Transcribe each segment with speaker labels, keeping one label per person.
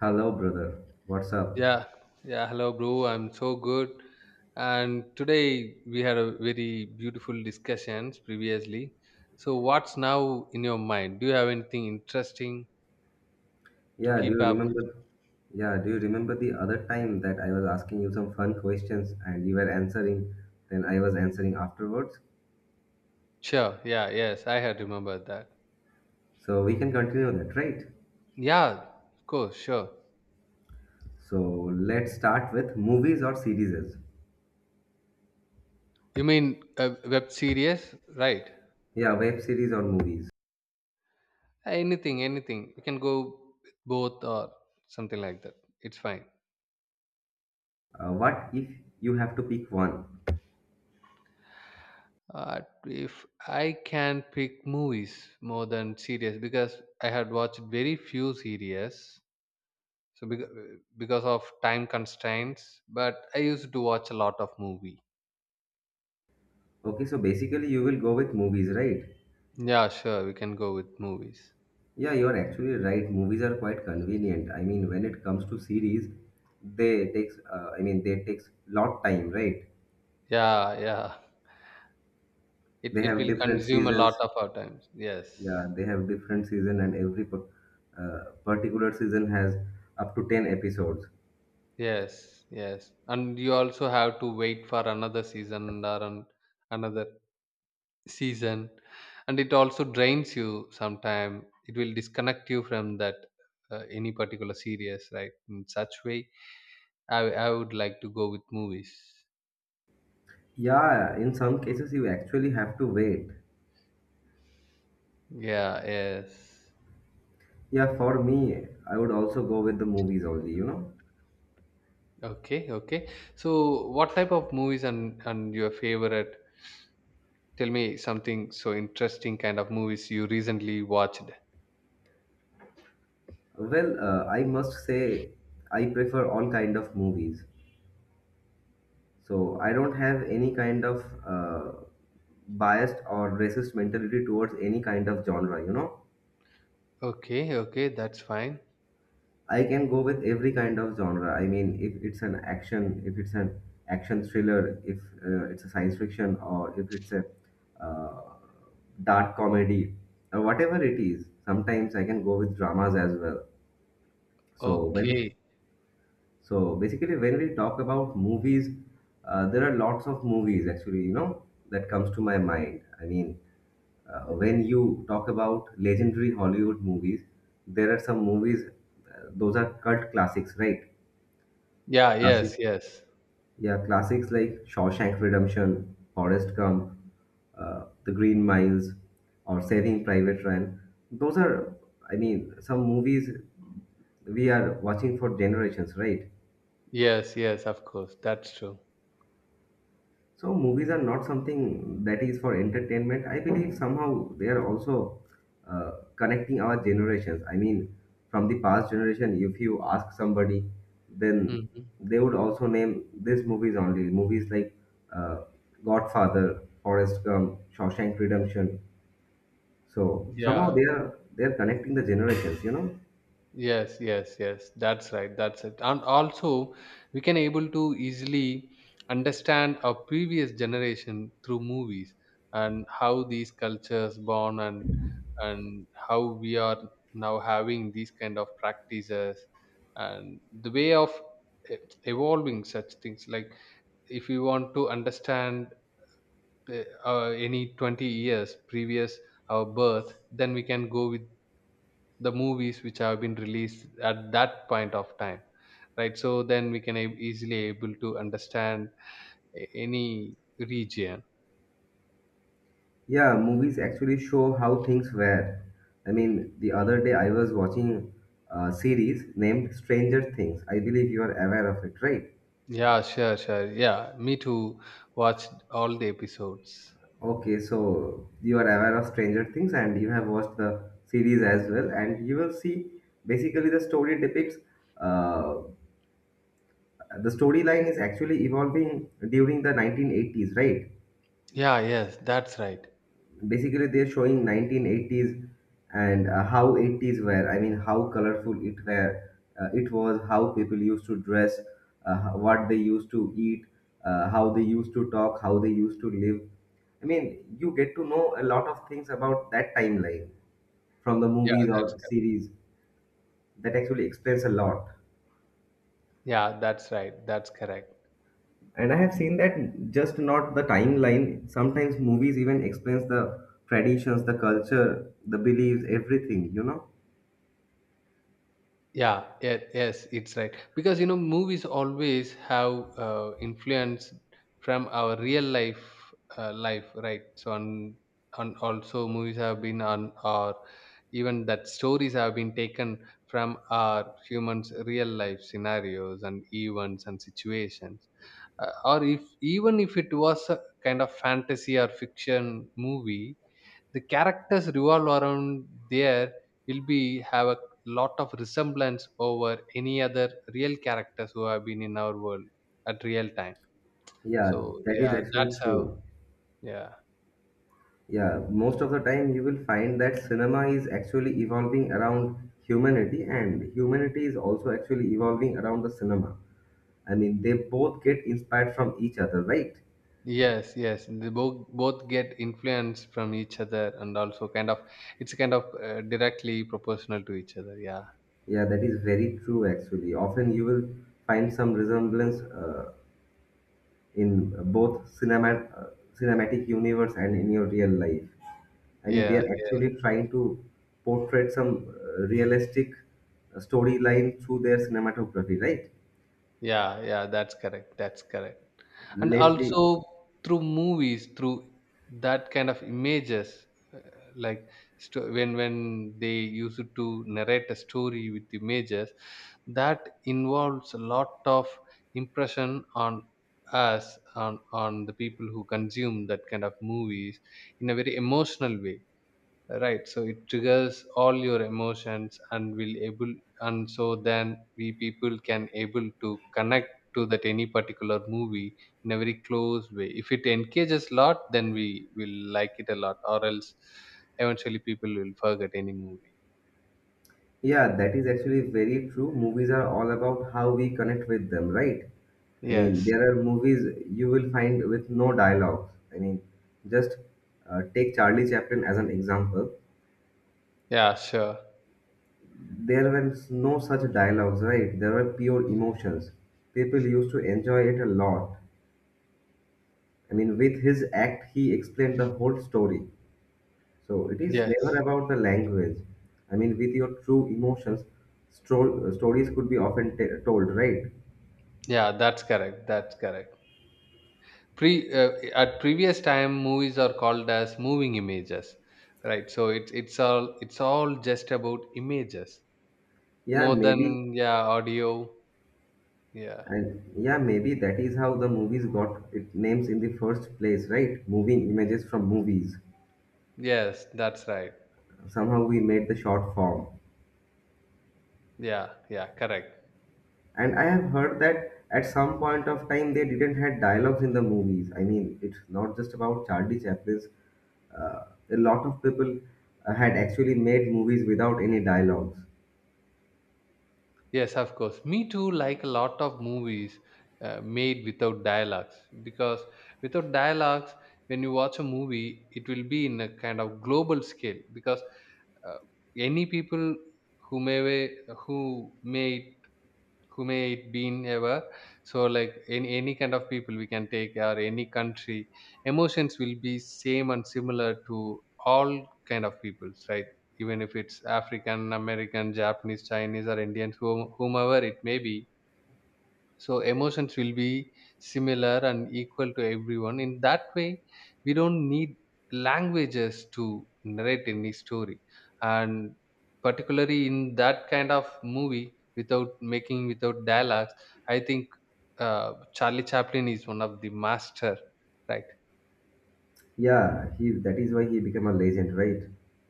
Speaker 1: Hello, brother. What's up?
Speaker 2: Yeah, yeah. Hello, bro. I'm so good. And today we had a very beautiful discussions previously. So, what's now in your mind? Do you have anything interesting to
Speaker 1: Yeah, do
Speaker 2: keep
Speaker 1: you
Speaker 2: up?
Speaker 1: remember? Yeah, do you remember the other time that I was asking you some fun questions and you were answering, then I was answering afterwards?
Speaker 2: Sure. Yeah. Yes, I had remembered that.
Speaker 1: So we can continue that, right?
Speaker 2: Yeah. Of course. Sure.
Speaker 1: So let's start with movies or series.
Speaker 2: You mean a web series, right?
Speaker 1: Yeah, web series or movies.
Speaker 2: Anything. Anything. We can go with both or something like that. It's fine.
Speaker 1: What if you have to pick one?
Speaker 2: Uh, if I can pick movies more than series because I had watched very few series, so because of time constraints, but I used to watch a lot of movie.
Speaker 1: Okay, so basically you will go with movies, right?
Speaker 2: Yeah, sure, we can go with movies.
Speaker 1: Yeah, you're actually right. Movies are quite convenient. I mean, when it comes to series, they takes, I mean, they takes lot time, right?
Speaker 2: Yeah, yeah. It
Speaker 1: They
Speaker 2: it
Speaker 1: have
Speaker 2: will
Speaker 1: different
Speaker 2: consume a lot
Speaker 1: seasons.
Speaker 2: of our times. Yes.
Speaker 1: Yeah, they have different season, and every particular season has up to ten episodes.
Speaker 2: Yes, yes. And you also have to wait for another season or an, another season, and it also drains you sometime it will disconnect you from that any particular series, right? In such way I would like to go with movies.
Speaker 1: Yeah, in some cases you actually have to wait.
Speaker 2: Yeah, yes.
Speaker 1: Yeah, for me, I would also go with the movies only.
Speaker 2: Okay, okay. So what type of movies and your favorite, tell me something so interesting kind of movies you recently watched.
Speaker 1: Well, I must say I prefer all kind of movies. So I don't have any kind of biased or racist mentality towards any kind of genre. You know,
Speaker 2: Okay, okay, that's fine.
Speaker 1: I can go with every kind of genre. I mean, if it's an action thriller, if it's a science fiction, or if it's a uh, dark comedy, or whatever it is. Sometimes I can go with dramas as well. So when
Speaker 2: Okay.
Speaker 1: So basically, when we talk about movies, there are lots of movies actually, that comes to my mind. I mean, when you talk about legendary Hollywood movies, there are some movies, those are cult classics, right?
Speaker 2: Yeah,
Speaker 1: Classics.
Speaker 2: yes, yes.
Speaker 1: Yeah, classics like Shawshank Redemption, Forrest Gump, The Green Miles, or Saving Private Ryan. Those are, I mean, some movies we are watching for generations, right?
Speaker 2: Yes, yes, of course, that's true.
Speaker 1: So movies are not something that is for entertainment. I believe somehow they are also connecting our generations. I mean, from the past generation, if you ask somebody, then
Speaker 2: Hmm.
Speaker 1: they would also name these movies only. Movies like uh, Godfather, Forrest Gump, Shawshank Redemption. So somehow
Speaker 2: Yeah.
Speaker 1: they are connecting the generations. You know.
Speaker 2: Yes, yes, yes. That's right. That's it. And also, we can able to easily understand our previous generation through movies and how these cultures born, and how we are now having these kind of practices and the way of e- evolving such things. Like, if we want to understand any 20 years previous our birth, then we can go with the movies which have been released at that point of time, right? So then we can easily able to understand any region.
Speaker 1: Yeah, movies actually show how things were. I mean, the other day I was watching a series named Stranger Things. I believe you are aware of it, right?
Speaker 2: Yeah, sure, sure. Yeah, me too, watched all the episodes.
Speaker 1: Okay, so you are aware of Stranger Things and you have watched the series as well, and you will see basically uh, the storyline is actually evolving during the 1980s, right?
Speaker 2: Yeah, yes, that's right.
Speaker 1: Basically they're showing 1980s, and how 80s were. I mean, how colorful it were, it was. How people used to dress, what they used to eat, how they used to talk, how they used to live. I mean, you get to know a lot of things about that timeline from the
Speaker 2: Yeah,
Speaker 1: movies
Speaker 2: that's
Speaker 1: or
Speaker 2: correct.
Speaker 1: series that actually explains a lot.
Speaker 2: Yeah, that's right, that's correct.
Speaker 1: And I have seen that, just not the timeline, sometimes movies even explains the traditions, the culture, the beliefs, everything.
Speaker 2: Yeah, yeah, yes, it's right, because you know movies always have influence from our real life, life, right? So on also movies have been on or even that stories have been taken from our humans real life scenarios and events and situations, or if even if it was a kind of fantasy or fiction movie, the characters revolve around there will be have a lot of resemblance over any other real characters who have been in our world at real time. So
Speaker 1: Yeah, that is
Speaker 2: yeah,
Speaker 1: actually
Speaker 2: that's how.
Speaker 1: true.
Speaker 2: Yeah,
Speaker 1: Yeah, most of the time you will find that cinema is actually evolving around humanity, and humanity is also actually evolving around the cinema. I mean, they both get inspired from each other, right?
Speaker 2: yes, yes, they both both get influenced from each other, and also kind of it's kind of directly proportional to each other. Yeah,
Speaker 1: Yeah, that is very true actually. Often you will find some resemblance in both cinema, cinematic universe and in your real life. I mean, they
Speaker 2: yeah,
Speaker 1: are
Speaker 2: yeah,
Speaker 1: actually trying to portray some realistic storyline through their cinematography, right?
Speaker 2: yeah. Yeah, that's correct, that's correct. And
Speaker 1: Lately,
Speaker 2: also through movies, through that kind of images, uh, like, when they used to narrate a story with images, that involves a lot of impression on us, on on the people who consume that kind of movies in a very emotional way, right? So it triggers all your emotions and will able, and so then we people can able to connect to that any particular movie in a very close way. If it engages lot, then we will like it a lot, or else eventually people will forget any movie.
Speaker 1: yeah, that is actually very true. Movies are all about how we connect with them, right? I mean,
Speaker 2: Yes.
Speaker 1: there are movies you will find with no dialogues. I mean, just take Charlie Chaplin as an example.
Speaker 2: Yeah, sure.
Speaker 1: There were no such dialogues, right? There were pure emotions. People used to enjoy it a lot. I mean, with his act, he explained the whole story. So it is never
Speaker 2: Yes.
Speaker 1: about the language. I mean, with your true emotions, stories could be often told, right?
Speaker 2: Yeah, that's correct, that's correct. Pre at previous time, movies are called as moving images, right? So it's all, it's all just about images.
Speaker 1: Yeah,
Speaker 2: More than
Speaker 1: maybe,
Speaker 2: yeah, audio. Yeah.
Speaker 1: maybe that is how the movies got its names in the first place, right? Moving images from movies.
Speaker 2: Yes, that's right.
Speaker 1: Somehow we made the short form.
Speaker 2: Yeah, yeah, correct.
Speaker 1: And I have heard that at some point of time they didn't had dialogues in the movies. I mean, it's not just about Charlie Chaplin's. Uh, a lot of people had actually made movies without any dialogues.
Speaker 2: Yes, of course. Me too, like a lot of movies made without dialogues, because without dialogues, when you watch a movie, it will be in a kind of global scale, because uh, any people who may who may who may it been ever. So like, in any kind of people we can take or any country, emotions will be same and similar to all kind of peoples, right? Even if it's African American, Japanese, Chinese, or Indians, whomever it may be, so emotions will be similar and equal to everyone. In that way, we don't need languages to narrate any story, and particularly in that kind of movie without making, without dialogues, I think Charlie Chaplin is one of the master, right?
Speaker 1: Yeah, he that is why he became a legend, right?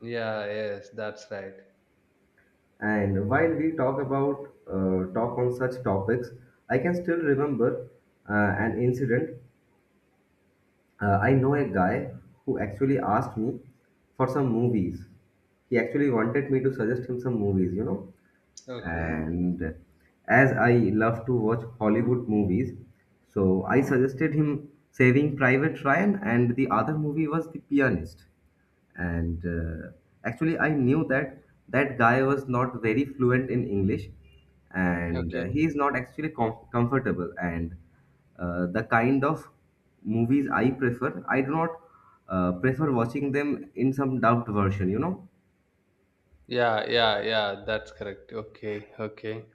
Speaker 2: Yeah, yes, that's right.
Speaker 1: And while we talk on such topics, I can still remember an incident. I know a guy who actually asked me for some movies. He actually wanted me to suggest him some movies.
Speaker 2: Okay,
Speaker 1: And as I love to watch Hollywood movies, so I suggested him Saving Private Ryan, and the other movie was The Pianist. And actually, I knew that that guy was not very fluent in English, and
Speaker 2: okay.
Speaker 1: he is not actually comfortable. And the kind of movies I prefer, I do not prefer watching them in some dubbed version.
Speaker 2: Yeah, yeah, yeah, that's correct. Okay, okay.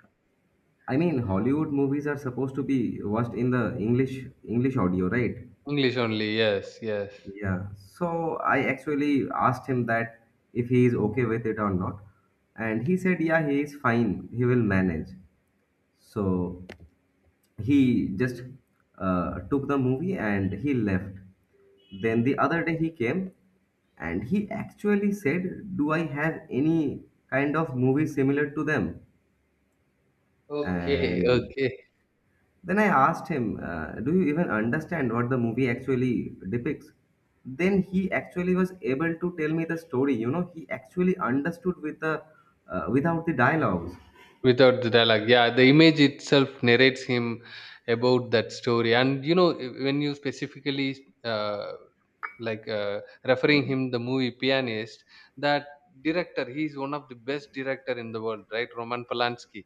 Speaker 1: I mean, Hollywood movies are supposed to be watched in the English audio, right?
Speaker 2: English only, yes, yes.
Speaker 1: Yeah. So I actually asked him that if he is okay with it or not, and he said, yeah, he is fine. He will manage. So he just
Speaker 2: Mhm.
Speaker 1: took the movie and he left. Then the other day he came and he actually said, do I have any kind of movie similar to them?
Speaker 2: Okay,
Speaker 1: And
Speaker 2: okay.
Speaker 1: then I asked him, do you even understand what the movie actually depicts? Then he actually was able to tell me the story. You know, he actually understood without the dialogues.
Speaker 2: Without the dialogue, yeah, the image itself narrates him about that story. And you know, when you specifically uh, like referring him the movie Pianist, that director, he is one of the best director in the world, right? Roman Polanski.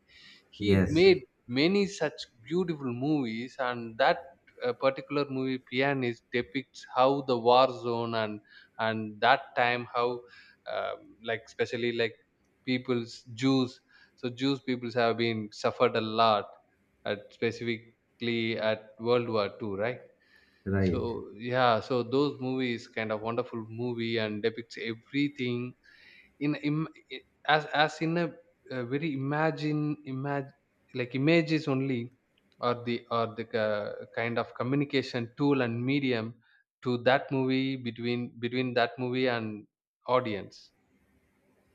Speaker 2: He
Speaker 1: Yes,
Speaker 2: made many such beautiful movies. And that particular movie Pianist depicts how the war zone and that time how like especially like people's Jews, so Jews peoples have been suffered a lot at specifically at World War 2, right?
Speaker 1: right.
Speaker 2: So yeah, so those movies kind of wonderful movie and depicts everything in as in a very imagine imag like images only, or the kind of communication tool and medium to that movie, between between that movie and audience.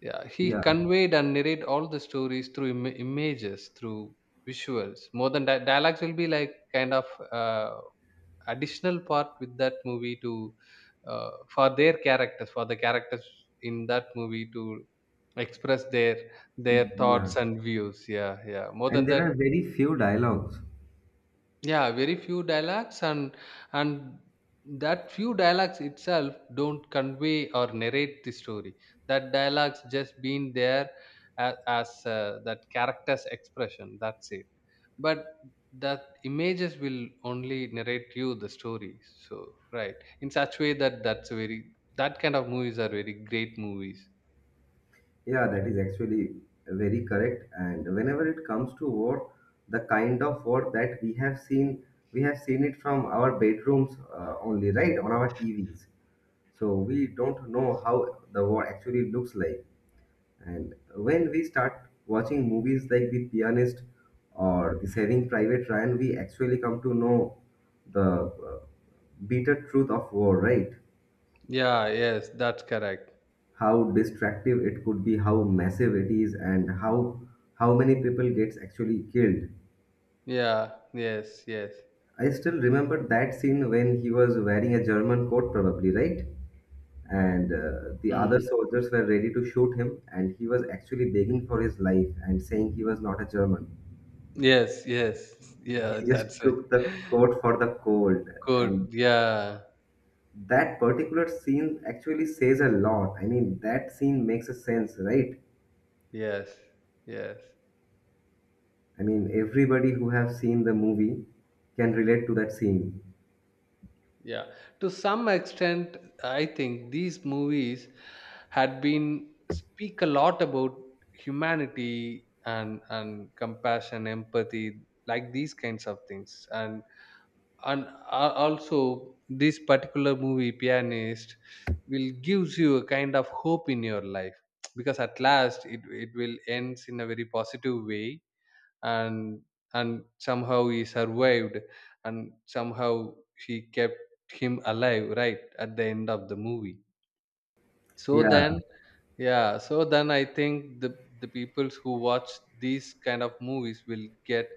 Speaker 2: Yeah, he
Speaker 1: Yeah,
Speaker 2: conveyed and narrate all the stories through images, through visuals, more than that dialogues will be like kind of uh, additional part with that movie to for their characters, for the characters in that movie to express their
Speaker 1: yeah.
Speaker 2: thoughts and views. Yeah, yeah, more
Speaker 1: And
Speaker 2: than
Speaker 1: there
Speaker 2: that.
Speaker 1: are very few dialogues.
Speaker 2: Yeah, very few dialects, and that few dialects itself don't convey or narrate the story. That dialects just been there as that character's expression, that's it. But that images will only narrate you the story, so right. In such way, that that's a very that kind of movies are very great movies.
Speaker 1: Yeah, that is actually very correct. And whenever it comes to war, the kind of war that we have seen it from our bedrooms only, right? On our TVs. So we don't know how the war actually looks like. And when we start watching movies like The Pianist or the Saving Private Ryan, we actually come to know the uh, bitter truth of war, right?
Speaker 2: Yeah, yes, that's correct.
Speaker 1: How destructive it could be, how massive it is, and how many people gets actually killed.
Speaker 2: Yeah, yes, yes.
Speaker 1: I still remember that scene when he was wearing a German coat, probably, right? And the other
Speaker 2: Mm.
Speaker 1: soldiers were ready to shoot him and he was actually begging for his life and saying he was not a German.
Speaker 2: Yes, yes, yeah,
Speaker 1: He just
Speaker 2: that's right.
Speaker 1: took the coat for the cold. And
Speaker 2: Good. Yeah.
Speaker 1: that particular scene actually says a lot. I mean, that scene makes a sense, right?
Speaker 2: Yes. Yes.
Speaker 1: I mean, everybody who have seen the movie can relate to that scene.
Speaker 2: Yeah. To some extent, I think these movies had been speak a lot about humanity and compassion, empathy, like these kinds of things. And also this particular movie, Pianist, will gives you a kind of hope in your life, because at last it will ends in a very positive way, and and somehow he survived, and somehow he kept him alive right at the end of the movie. So
Speaker 1: Yeah.
Speaker 2: then yeah, so then I think the peoples who watch these kind of movies will get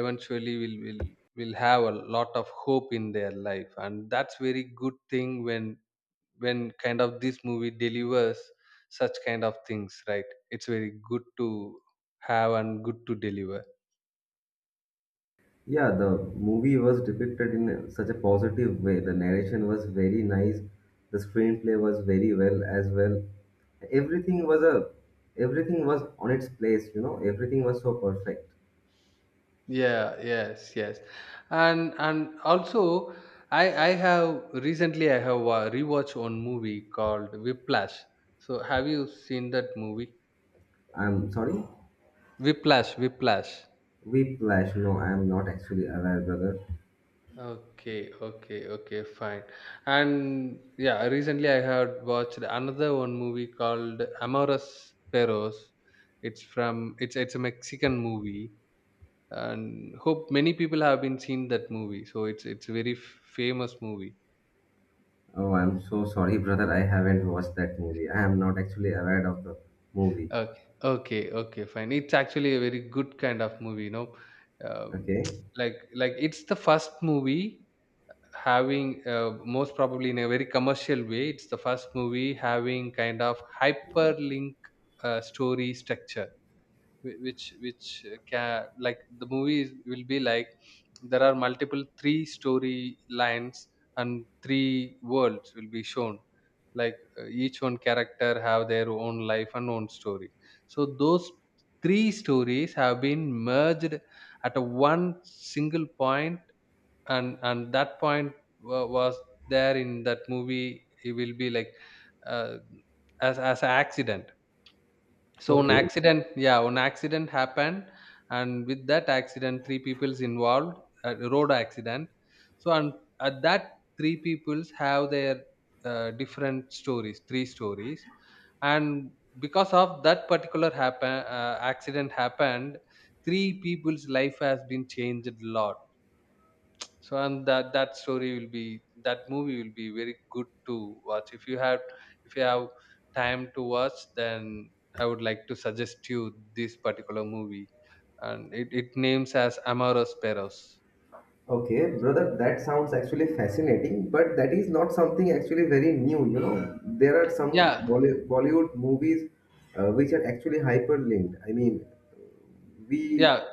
Speaker 2: eventually will have a lot of hope in their life. And that's very good thing when kind of this movie delivers such kind of things, right? It's very good to have and good to deliver.
Speaker 1: Yeah, the movie was depicted in such a positive way. The narration was very nice. The screenplay was very well as well. Everything was a Everything was on its place. Everything was so perfect.
Speaker 2: Yeah, yes, yes. And also, I have recently I have rewatched one movie called Whiplash. So have you seen that movie
Speaker 1: I'm sorry.
Speaker 2: Whiplash? Whiplash.
Speaker 1: Whiplash. No, I am not actually aware, brother.
Speaker 2: Okay, okay, okay, fine. And yeah, recently I had watched another one movie called Amores Perros. It's from, it's a Mexican movie, and hope many people have been seen that movie. So it's a very famous movie.
Speaker 1: Oh, I'm so sorry, brother. I haven't watched that movie. I am not actually aware of the movie.
Speaker 2: Okay, okay, okay, fine. It's actually a very good kind of movie, you know. Um,
Speaker 1: Okay.
Speaker 2: like it's the first movie having most probably in a very commercial way, it's the first movie having kind of hyperlink story structure, which can, like the movie will be like, there are multiple three-story lines, and three worlds will be shown, like each one character have their own life and own story. So those three stories have been merged at a one single point, and that point was there in that movie. It will be like uh, as an accident. So an
Speaker 1: Okay.
Speaker 2: accident, yeah, an accident happened, and with that accident, three people's involved, a road accident. So and at that, three people's have their different stories, three stories, and because of that particular happen accident happened, three people's life has been changed a lot. So and that that story will be, that movie will be very good to watch. If you have, if you have time to watch, then I would like to suggest you this particular movie. And it names as Amaro Sparrows.
Speaker 1: Okay, brother, that sounds actually fascinating, but that is not something actually very new. You know, there are some
Speaker 2: Yeah.
Speaker 1: Bollywood movies which are actually hyperlinked. I mean, we
Speaker 2: Yeah,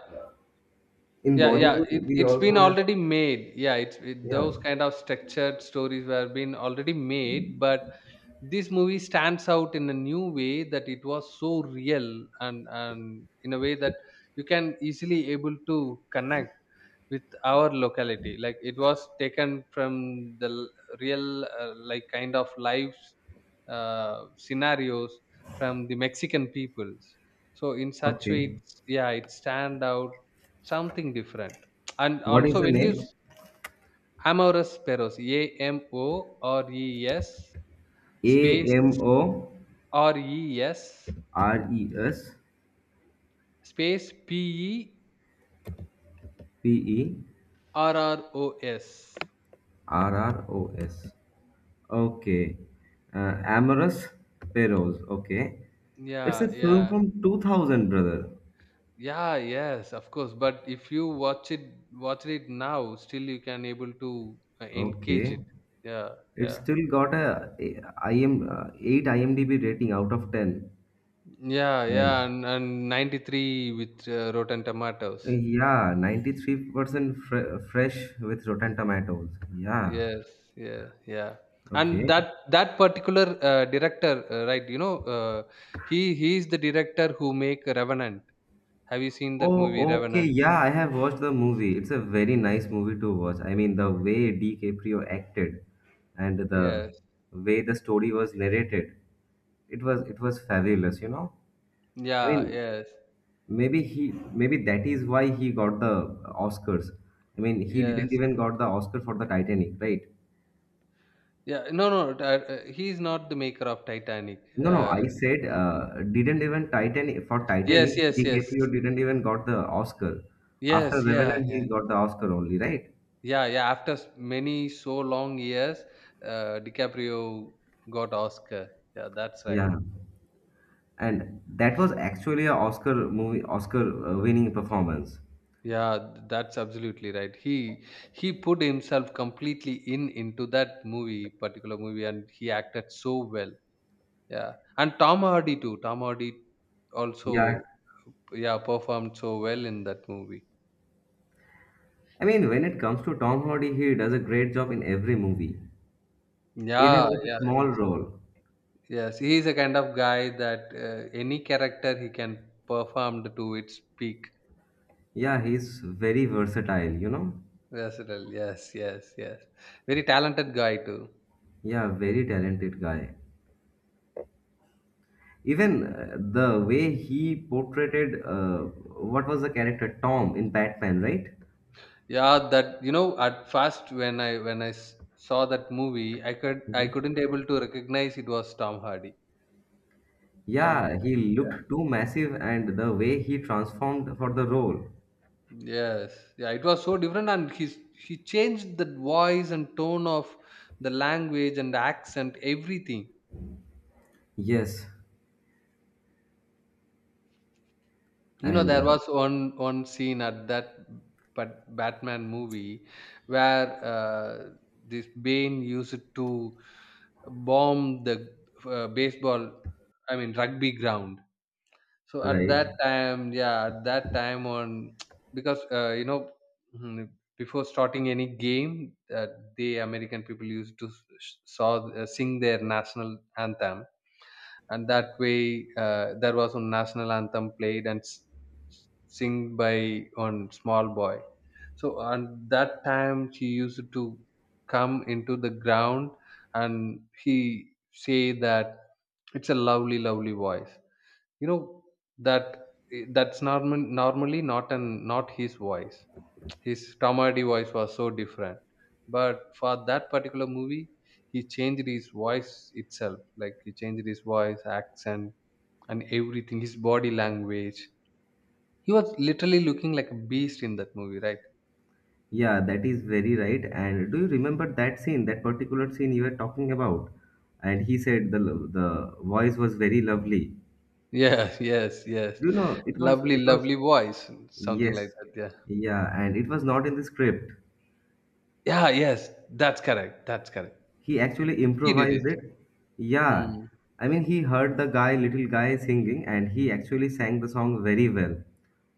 Speaker 1: in
Speaker 2: yeah, yeah,
Speaker 1: Bollywood
Speaker 2: it,
Speaker 1: we
Speaker 2: it's been
Speaker 1: also have
Speaker 2: already made. Yeah, it's it,
Speaker 1: yeah.
Speaker 2: those kind of structured stories were been already made, but this movie stands out in a new way. That it was so real, and in a way that you can easily able to connect with our locality. Like it was taken from the real like kind of life uh, scenarios from the Mexican peoples. So in such way
Speaker 1: Okay.
Speaker 2: it's, yeah, it stand out something different. And
Speaker 1: What is
Speaker 2: also
Speaker 1: the
Speaker 2: when you
Speaker 1: name?
Speaker 2: Amorous Sparrows. A M O R E S
Speaker 1: A
Speaker 2: space
Speaker 1: M O
Speaker 2: R E S
Speaker 1: R E S
Speaker 2: space P E
Speaker 1: P E
Speaker 2: R R O S.
Speaker 1: R R O S. Okay. Amorous Perros. Okay. It's a
Speaker 2: Yeah,
Speaker 1: film
Speaker 2: yeah.
Speaker 1: from 2000, brother.
Speaker 2: Yeah, yes, of course. But if you watch it now, still you can able to engage
Speaker 1: Okay.
Speaker 2: it. Yeah,
Speaker 1: It's
Speaker 2: yeah,
Speaker 1: still got a IM 8 IMDb rating out of 10
Speaker 2: yeah,
Speaker 1: and
Speaker 2: yeah. And 93 with Rotten Tomatoes.
Speaker 1: yeah, 93% fresh with Rotten Tomatoes. Yeah.
Speaker 2: Yes, yeah, yeah. And
Speaker 1: Okay.
Speaker 2: that that particular director, right? He is the director who make Revenant. Have you seen that movie
Speaker 1: Oh, okay.
Speaker 2: Revenant?
Speaker 1: Yeah, I have watched the movie. It's a very nice movie to watch. I mean, the way DiCaprio acted and
Speaker 2: Yes,
Speaker 1: the way the story was narrated, it was fabulous. I
Speaker 2: yeah,
Speaker 1: mean,
Speaker 2: yes,
Speaker 1: maybe maybe that is why he got the Oscars. I mean, he didn't
Speaker 2: yes.
Speaker 1: even got the Oscar for the Titanic, right?
Speaker 2: Yeah, no, no. He is not the maker of Titanic.
Speaker 1: No, no,
Speaker 2: Uh,
Speaker 1: I said didn't even Titanic for
Speaker 2: Yes,
Speaker 1: Titanic,
Speaker 2: yes, yes.
Speaker 1: DiCaprio didn't even got the Oscar. After
Speaker 2: Yes, yeah,
Speaker 1: Revenant,
Speaker 2: yeah.
Speaker 1: he got the Oscar only, right?
Speaker 2: Yeah, yeah. After many so long years, DiCaprio got Oscar. Yeah, that's right.
Speaker 1: Yeah, and that was actually a Oscar movie, Oscar winning performance.
Speaker 2: Yeah, that's absolutely right. He put himself completely in into that movie, particular movie, and he acted so well. Yeah, and Tom Hardy too. Tom Hardy also,
Speaker 1: Yeah,
Speaker 2: yeah, performed so well in that movie.
Speaker 1: I mean, when it comes to Tom Hardy, he does a great job in every movie, even
Speaker 2: Yeah,
Speaker 1: with a
Speaker 2: yeah.
Speaker 1: small role.
Speaker 2: Yes, he is a kind of guy that any character he can perform to its peak.
Speaker 1: Yeah, he's very versatile.
Speaker 2: Versatile. Yes, yes, yes. Very talented guy too.
Speaker 1: Yeah, very talented guy. Even the way he portrayed what was the character Tom in Batman, right?
Speaker 2: Yeah, that. At first, when I saw that movie, I
Speaker 1: Mhm.
Speaker 2: couldn't able to recognize it was Tom Hardy. And
Speaker 1: Yeah, he looked too massive, and the way he transformed for the role.
Speaker 2: yes, yeah, it was so different, and he changed the voice and tone of the language and accent, everything.
Speaker 1: Yes, and
Speaker 2: There was one scene at that, but Batman movie where this Bane used to bomb the, baseball, I mean, rugby ground. So at
Speaker 1: right.
Speaker 2: that time, on because mhm, before starting any game, the American people used to s- saw sing their national anthem. And that way, there was a national anthem played and sing by one small boy. So, and that time, she used to come into the ground, and he say that it's a lovely, lovely voice. you know that that's normally not his voice. His Tamadi voice was so different. But for that particular movie, he changed his voice itself. Like he changed his voice, accent, and everything. His body language. He was literally looking like a beast in that movie, right?
Speaker 1: Yeah, that is very right. And do you remember that scene, that particular scene you were talking about? And he said the voice was very lovely.
Speaker 2: Yes, yes, yes.
Speaker 1: Do you know it was
Speaker 2: Lovely,
Speaker 1: it was
Speaker 2: lovely voice, something like
Speaker 1: Yes,
Speaker 2: that. Yeah.
Speaker 1: yeah, and it was not in the script.
Speaker 2: Yeah. Yes, that's correct. That's correct.
Speaker 1: He actually
Speaker 2: He did
Speaker 1: improvised
Speaker 2: it.
Speaker 1: it. Yeah.
Speaker 2: Hmm.
Speaker 1: I mean, he heard the guy, little guy singing, and he actually sang the song very well.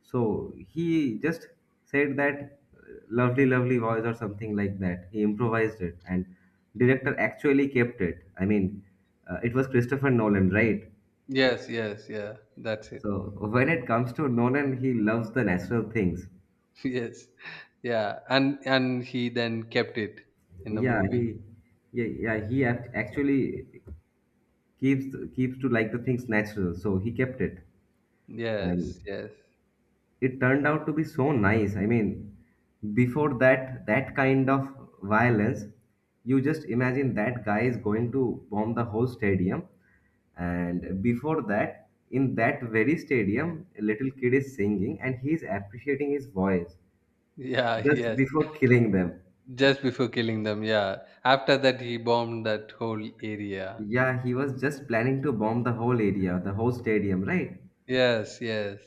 Speaker 1: So he just said that lovely, lovely voice or something like that. He improvised it, and director actually kept it. I mean, it was Christopher Nolan, right?
Speaker 2: Yes, yes, yeah. That's it.
Speaker 1: So when it comes to Nolan, he loves the natural things.
Speaker 2: Yes. Yeah. And he then kept it in the
Speaker 1: Yeah,
Speaker 2: movie.
Speaker 1: he, yeah, yeah, actually keeps to like the things natural. So he kept it.
Speaker 2: Yes,
Speaker 1: And
Speaker 2: yes.
Speaker 1: it turned out to be so nice. I mean, before that, that kind of violence, you just imagine that guy is going to bomb the whole stadium. And before that, in that very stadium, a little kid is singing and he is appreciating his voice
Speaker 2: Yeah,
Speaker 1: just
Speaker 2: yes.
Speaker 1: before killing them.
Speaker 2: Just before killing them, yeah. After that, he bombed that whole area.
Speaker 1: Yeah, he was just planning to bomb the whole area, the whole stadium, right?
Speaker 2: Yes, yes.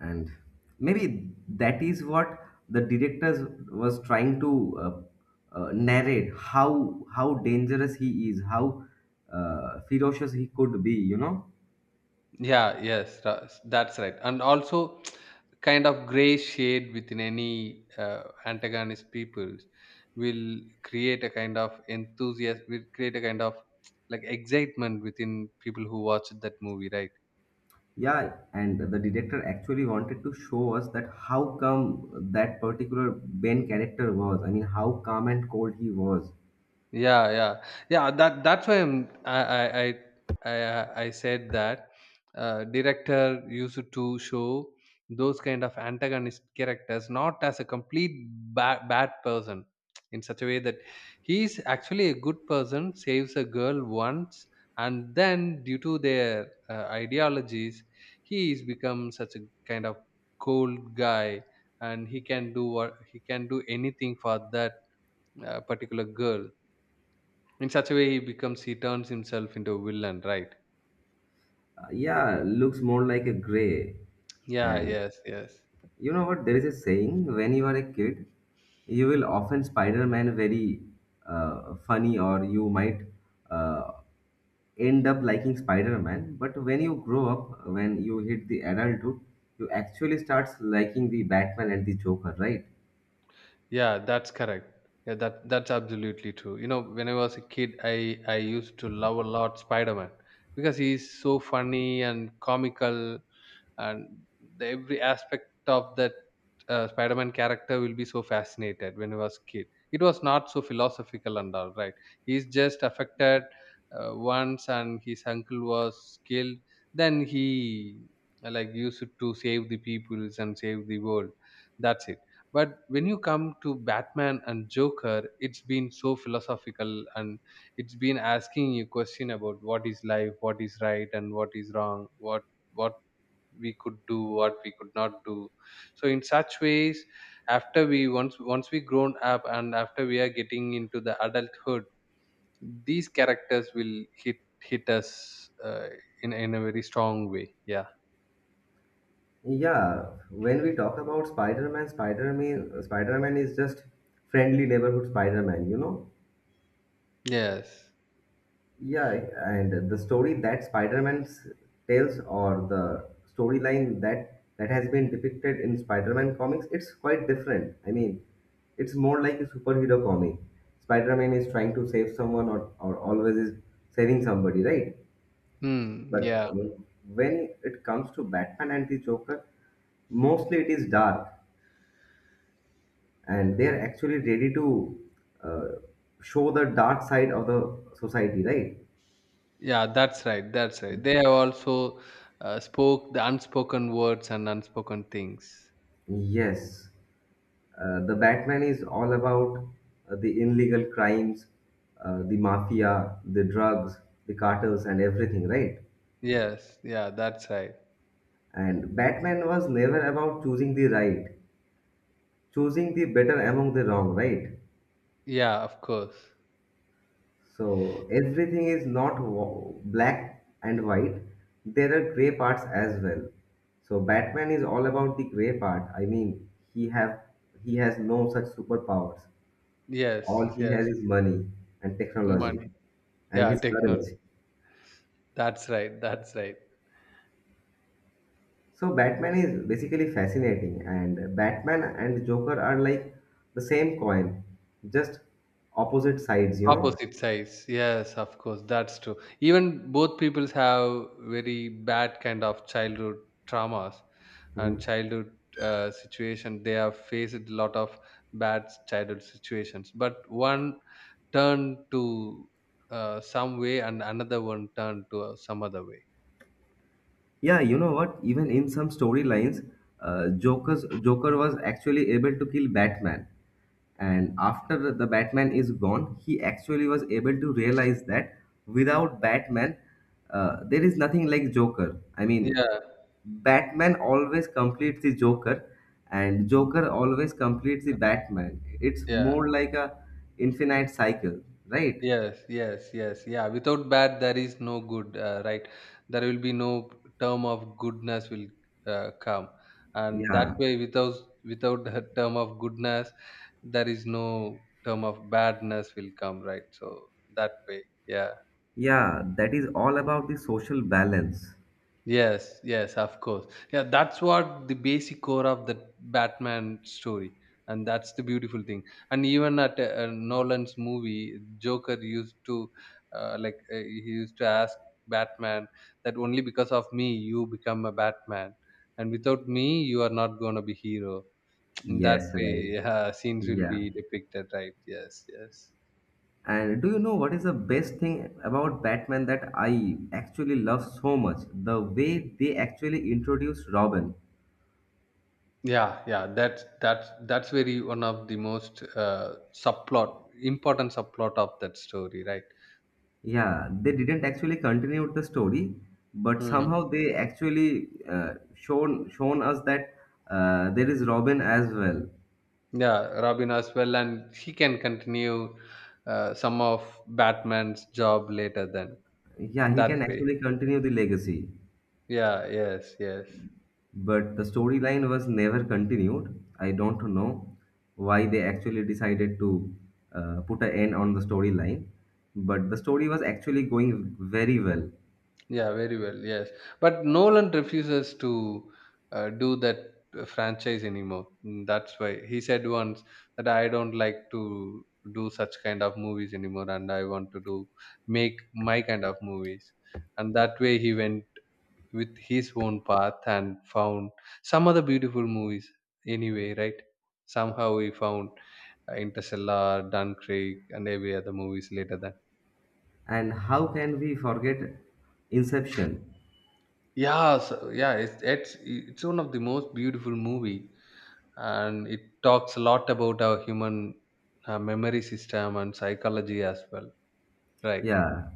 Speaker 1: And maybe that is what the directors was trying to narrate how dangerous he is, how ferocious he could be.
Speaker 2: Yeah, yes. That's right. And also, kind of gray shade within any antagonist peoples will create a kind of enthusiasm, will create a kind of like excitement within people who watch that movie, right?
Speaker 1: Yeah, and the director actually wanted to show us that how come that particular ben character was, I mean, how calm and cold he was.
Speaker 2: Yeah, yeah, yeah. That's why I'm, I said that director used to show those kind of antagonist characters not as a complete bad person, in such a way that he's actually a good person, saves a girl once, and then due to their ideologies, he's become such a kind of cold guy, and he can do anything for that particular girl. In such a way, he turns himself into a villain, right?
Speaker 1: Yeah, looks more like a gray.
Speaker 2: Yeah,
Speaker 1: And
Speaker 2: yes, yes.
Speaker 1: you know what? There is a saying: when you are a kid, you will often Spider Man very funny, or you might uh, end up liking Spider Man. But when you grow up, when you hit the adulthood, you actually starts liking the Batman and the Joker, right?
Speaker 2: Yeah, that's correct. Yeah, that's absolutely true. You know, when I was a kid, I used to love a lot Spider-Man, because he's so funny and comical. And every aspect of that Spider-Man character will be so fascinated when he was kid. It was not so philosophical and all, right? He's just affected once, and his uncle was killed. Then he like used it to save the peoples and save the world. That's it. But when you come to Batman and Joker, it's been so philosophical, and it's been asking you question about what is life, what is right and what is wrong, what we could do, what we could not do. So in such ways, after we once we grown up, and after we are getting into the adulthood, these characters will hit us, uh, in a very strong way. Yeah.
Speaker 1: Yeah, when we talk about Spider-Man, Spider-Man is just friendly neighborhood Spider-Man, you know?
Speaker 2: Yes.
Speaker 1: Yeah, and the story that Spider-Man tells, or the storyline that has been depicted in Spider-Man comics, it's quite different. I mean, it's more like a superhero comic. Spider-Man is trying to save someone, or always is saving somebody, right?
Speaker 2: Hmm.
Speaker 1: But
Speaker 2: Yeah,
Speaker 1: uh, when it comes to Batman and the Joker, mostly it is dark and they are actually ready to uh, show the dark side of the society, right?
Speaker 2: yeah, that's right. That's right. They have also spoke the unspoken words and unspoken things.
Speaker 1: Yes, the Batman is all about the illegal crimes, the mafia, the drugs, the cartels, and everything, right?
Speaker 2: Yes, yeah, that's right.
Speaker 1: And Batman was never about choosing the right, choosing the better among the wrong, right?
Speaker 2: Yeah, of course.
Speaker 1: So everything is not wa- black and white. There are gray parts as well. So Batman is all about the gray part. I mean, he have he has no such superpowers. All
Speaker 2: Yes,
Speaker 1: he has
Speaker 2: yes.
Speaker 1: is money and technology
Speaker 2: Money.
Speaker 1: and
Speaker 2: Yeah,
Speaker 1: his
Speaker 2: technology.
Speaker 1: courage.
Speaker 2: That's right. That's right.
Speaker 1: So Batman is basically fascinating, and Batman and Joker are like the same coin, just opposite sides, you know.
Speaker 2: Opposite sides. Yes, of course, that's true. Even both peoples have very bad kind of childhood traumas and
Speaker 1: Mhm.
Speaker 2: childhood situation. They have faced a lot of bad childhood situations, but one turned to some way, and another one turned to some other way.
Speaker 1: Yeah, you know what? Even in some storylines, Joker's Joker was actually able to kill Batman, and after the batman is gone, he actually was able to realize that without batman, there is nothing like joker. I mean,
Speaker 2: Yeah,
Speaker 1: batman always completes the joker, and joker always completes the batman. It's
Speaker 2: yeah.
Speaker 1: more like a infinite cycle, right?
Speaker 2: Yes, yes, yes. Yeah, without bad, there is no good, right? There will be no term of goodness will come, and that
Speaker 1: Yeah,
Speaker 2: way, without a term of goodness, there is no term of badness will come, right? So that way, yeah.
Speaker 1: yeah, that is all about the social balance.
Speaker 2: Yes, yes, of course. Yeah, that's what the basic core of the Batman story, and that's the beautiful thing. And even at Nolan's movie, Joker used to, like, he used to ask Batman that only because of me you become a Batman, and without me you are not gonna be hero. In that
Speaker 1: Yes,
Speaker 2: way,
Speaker 1: right.
Speaker 2: yeah, scenes will
Speaker 1: Yeah.
Speaker 2: be depicted, right? Yes, yes.
Speaker 1: And do you know what is the best thing about Batman that I actually love so much? The way they actually introduced Robin.
Speaker 2: Yeah, yeah, that's very one of the most subplot, important subplot of that story, right?
Speaker 1: Yeah, they didn't actually continue the story, but
Speaker 2: Hmm.
Speaker 1: somehow they actually shown us that there is Robin as well.
Speaker 2: Yeah, Robin as well, and he can continue some of Batman's job later. Then
Speaker 1: Yeah, he
Speaker 2: that
Speaker 1: can
Speaker 2: way,
Speaker 1: actually continue the legacy.
Speaker 2: yeah, yes, yes.
Speaker 1: But the storyline was never continued. I don't know why they actually decided to put an end on the storyline, but the story was actually going very well.
Speaker 2: Yeah, very well. Yes, but Nolan refuses to do that franchise anymore. That's why he said once that I don't like to do such kind of movies anymore, and I want to do make my kind of movies. And that way, he went with his own path and found some other beautiful movies. Anyway, right? Somehow he found Interstellar, Dunkirk, and every other movies later. That.
Speaker 1: And how can we forget Inception?
Speaker 2: Yeah, so yeah, it's one of the most beautiful movie, and it talks a lot about our human memory system and psychology as well. Right?
Speaker 1: Yeah,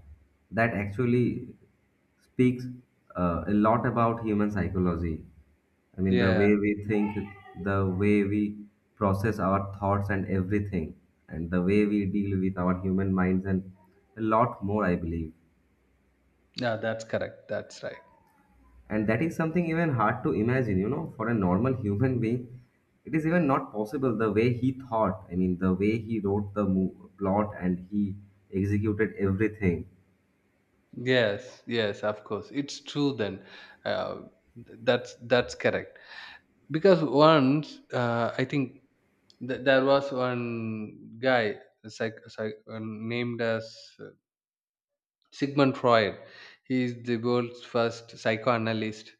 Speaker 1: that actually speaks a lot about human psychology. I mean, the
Speaker 2: Yeah,
Speaker 1: way we think, the way we process our thoughts and everything, and the way we deal with our human minds, and a lot more, I believe.
Speaker 2: yeah, that's correct. That's right.
Speaker 1: And that is something even hard to imagine, you know, for a normal human being. It is even not possible the way he thought. I mean, the way he wrote plot and he executed everything.
Speaker 2: Yes, yes, of course, it's true. Then, uh, that's correct. Because once I think there was one guy named as Sigmund Freud. He is the world's first psychoanalyst.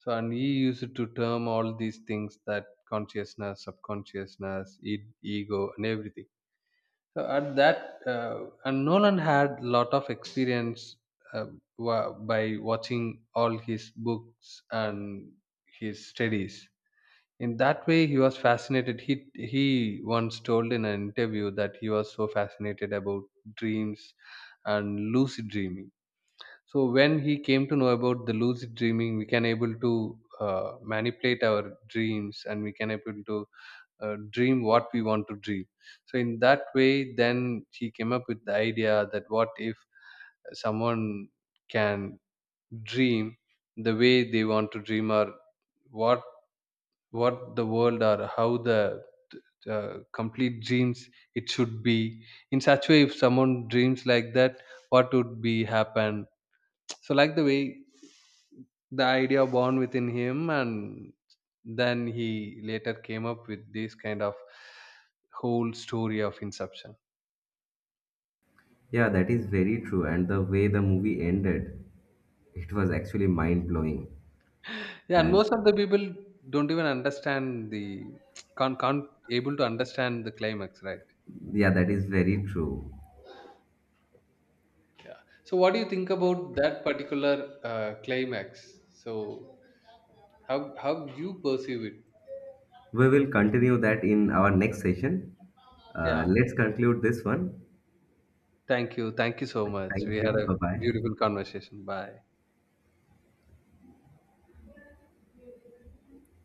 Speaker 2: So, and he used to term all these things that consciousness, subconsciousness, ego, and everything. So, and Nolan had a lot of experience, uh, by watching all his books and his studies. In that way, he was fascinated. He once told in an interview that he was so fascinated about dreams and lucid dreaming. So when he came to know about the lucid dreaming, we can able to manipulate our dreams, and we can able to dream what we want to dream. So in that way, then he came up with the idea that what if someone can dream the way they want to dream, or what what the world, or how the complete dreams it should be. In such way, if someone dreams like that, what would be happen. So like the way the idea born within him, and then he later came up with this kind of whole story of Inception.
Speaker 1: Yeah, that is very true. And the way the movie ended, it was actually mind blowing.
Speaker 2: Yeah, and
Speaker 1: And
Speaker 2: most of the people don't even understand the can't able to understand the climax, right?
Speaker 1: yeah, that is very true.
Speaker 2: Yeah, so what do you think about that particular climax? So how you perceive it?
Speaker 1: We will continue that in our next session.
Speaker 2: Yeah,
Speaker 1: Let's conclude this one.
Speaker 2: thank you. Thank you so much. We
Speaker 1: Thank
Speaker 2: had
Speaker 1: you.
Speaker 2: a
Speaker 1: Bye bye.
Speaker 2: beautiful conversation. Bye.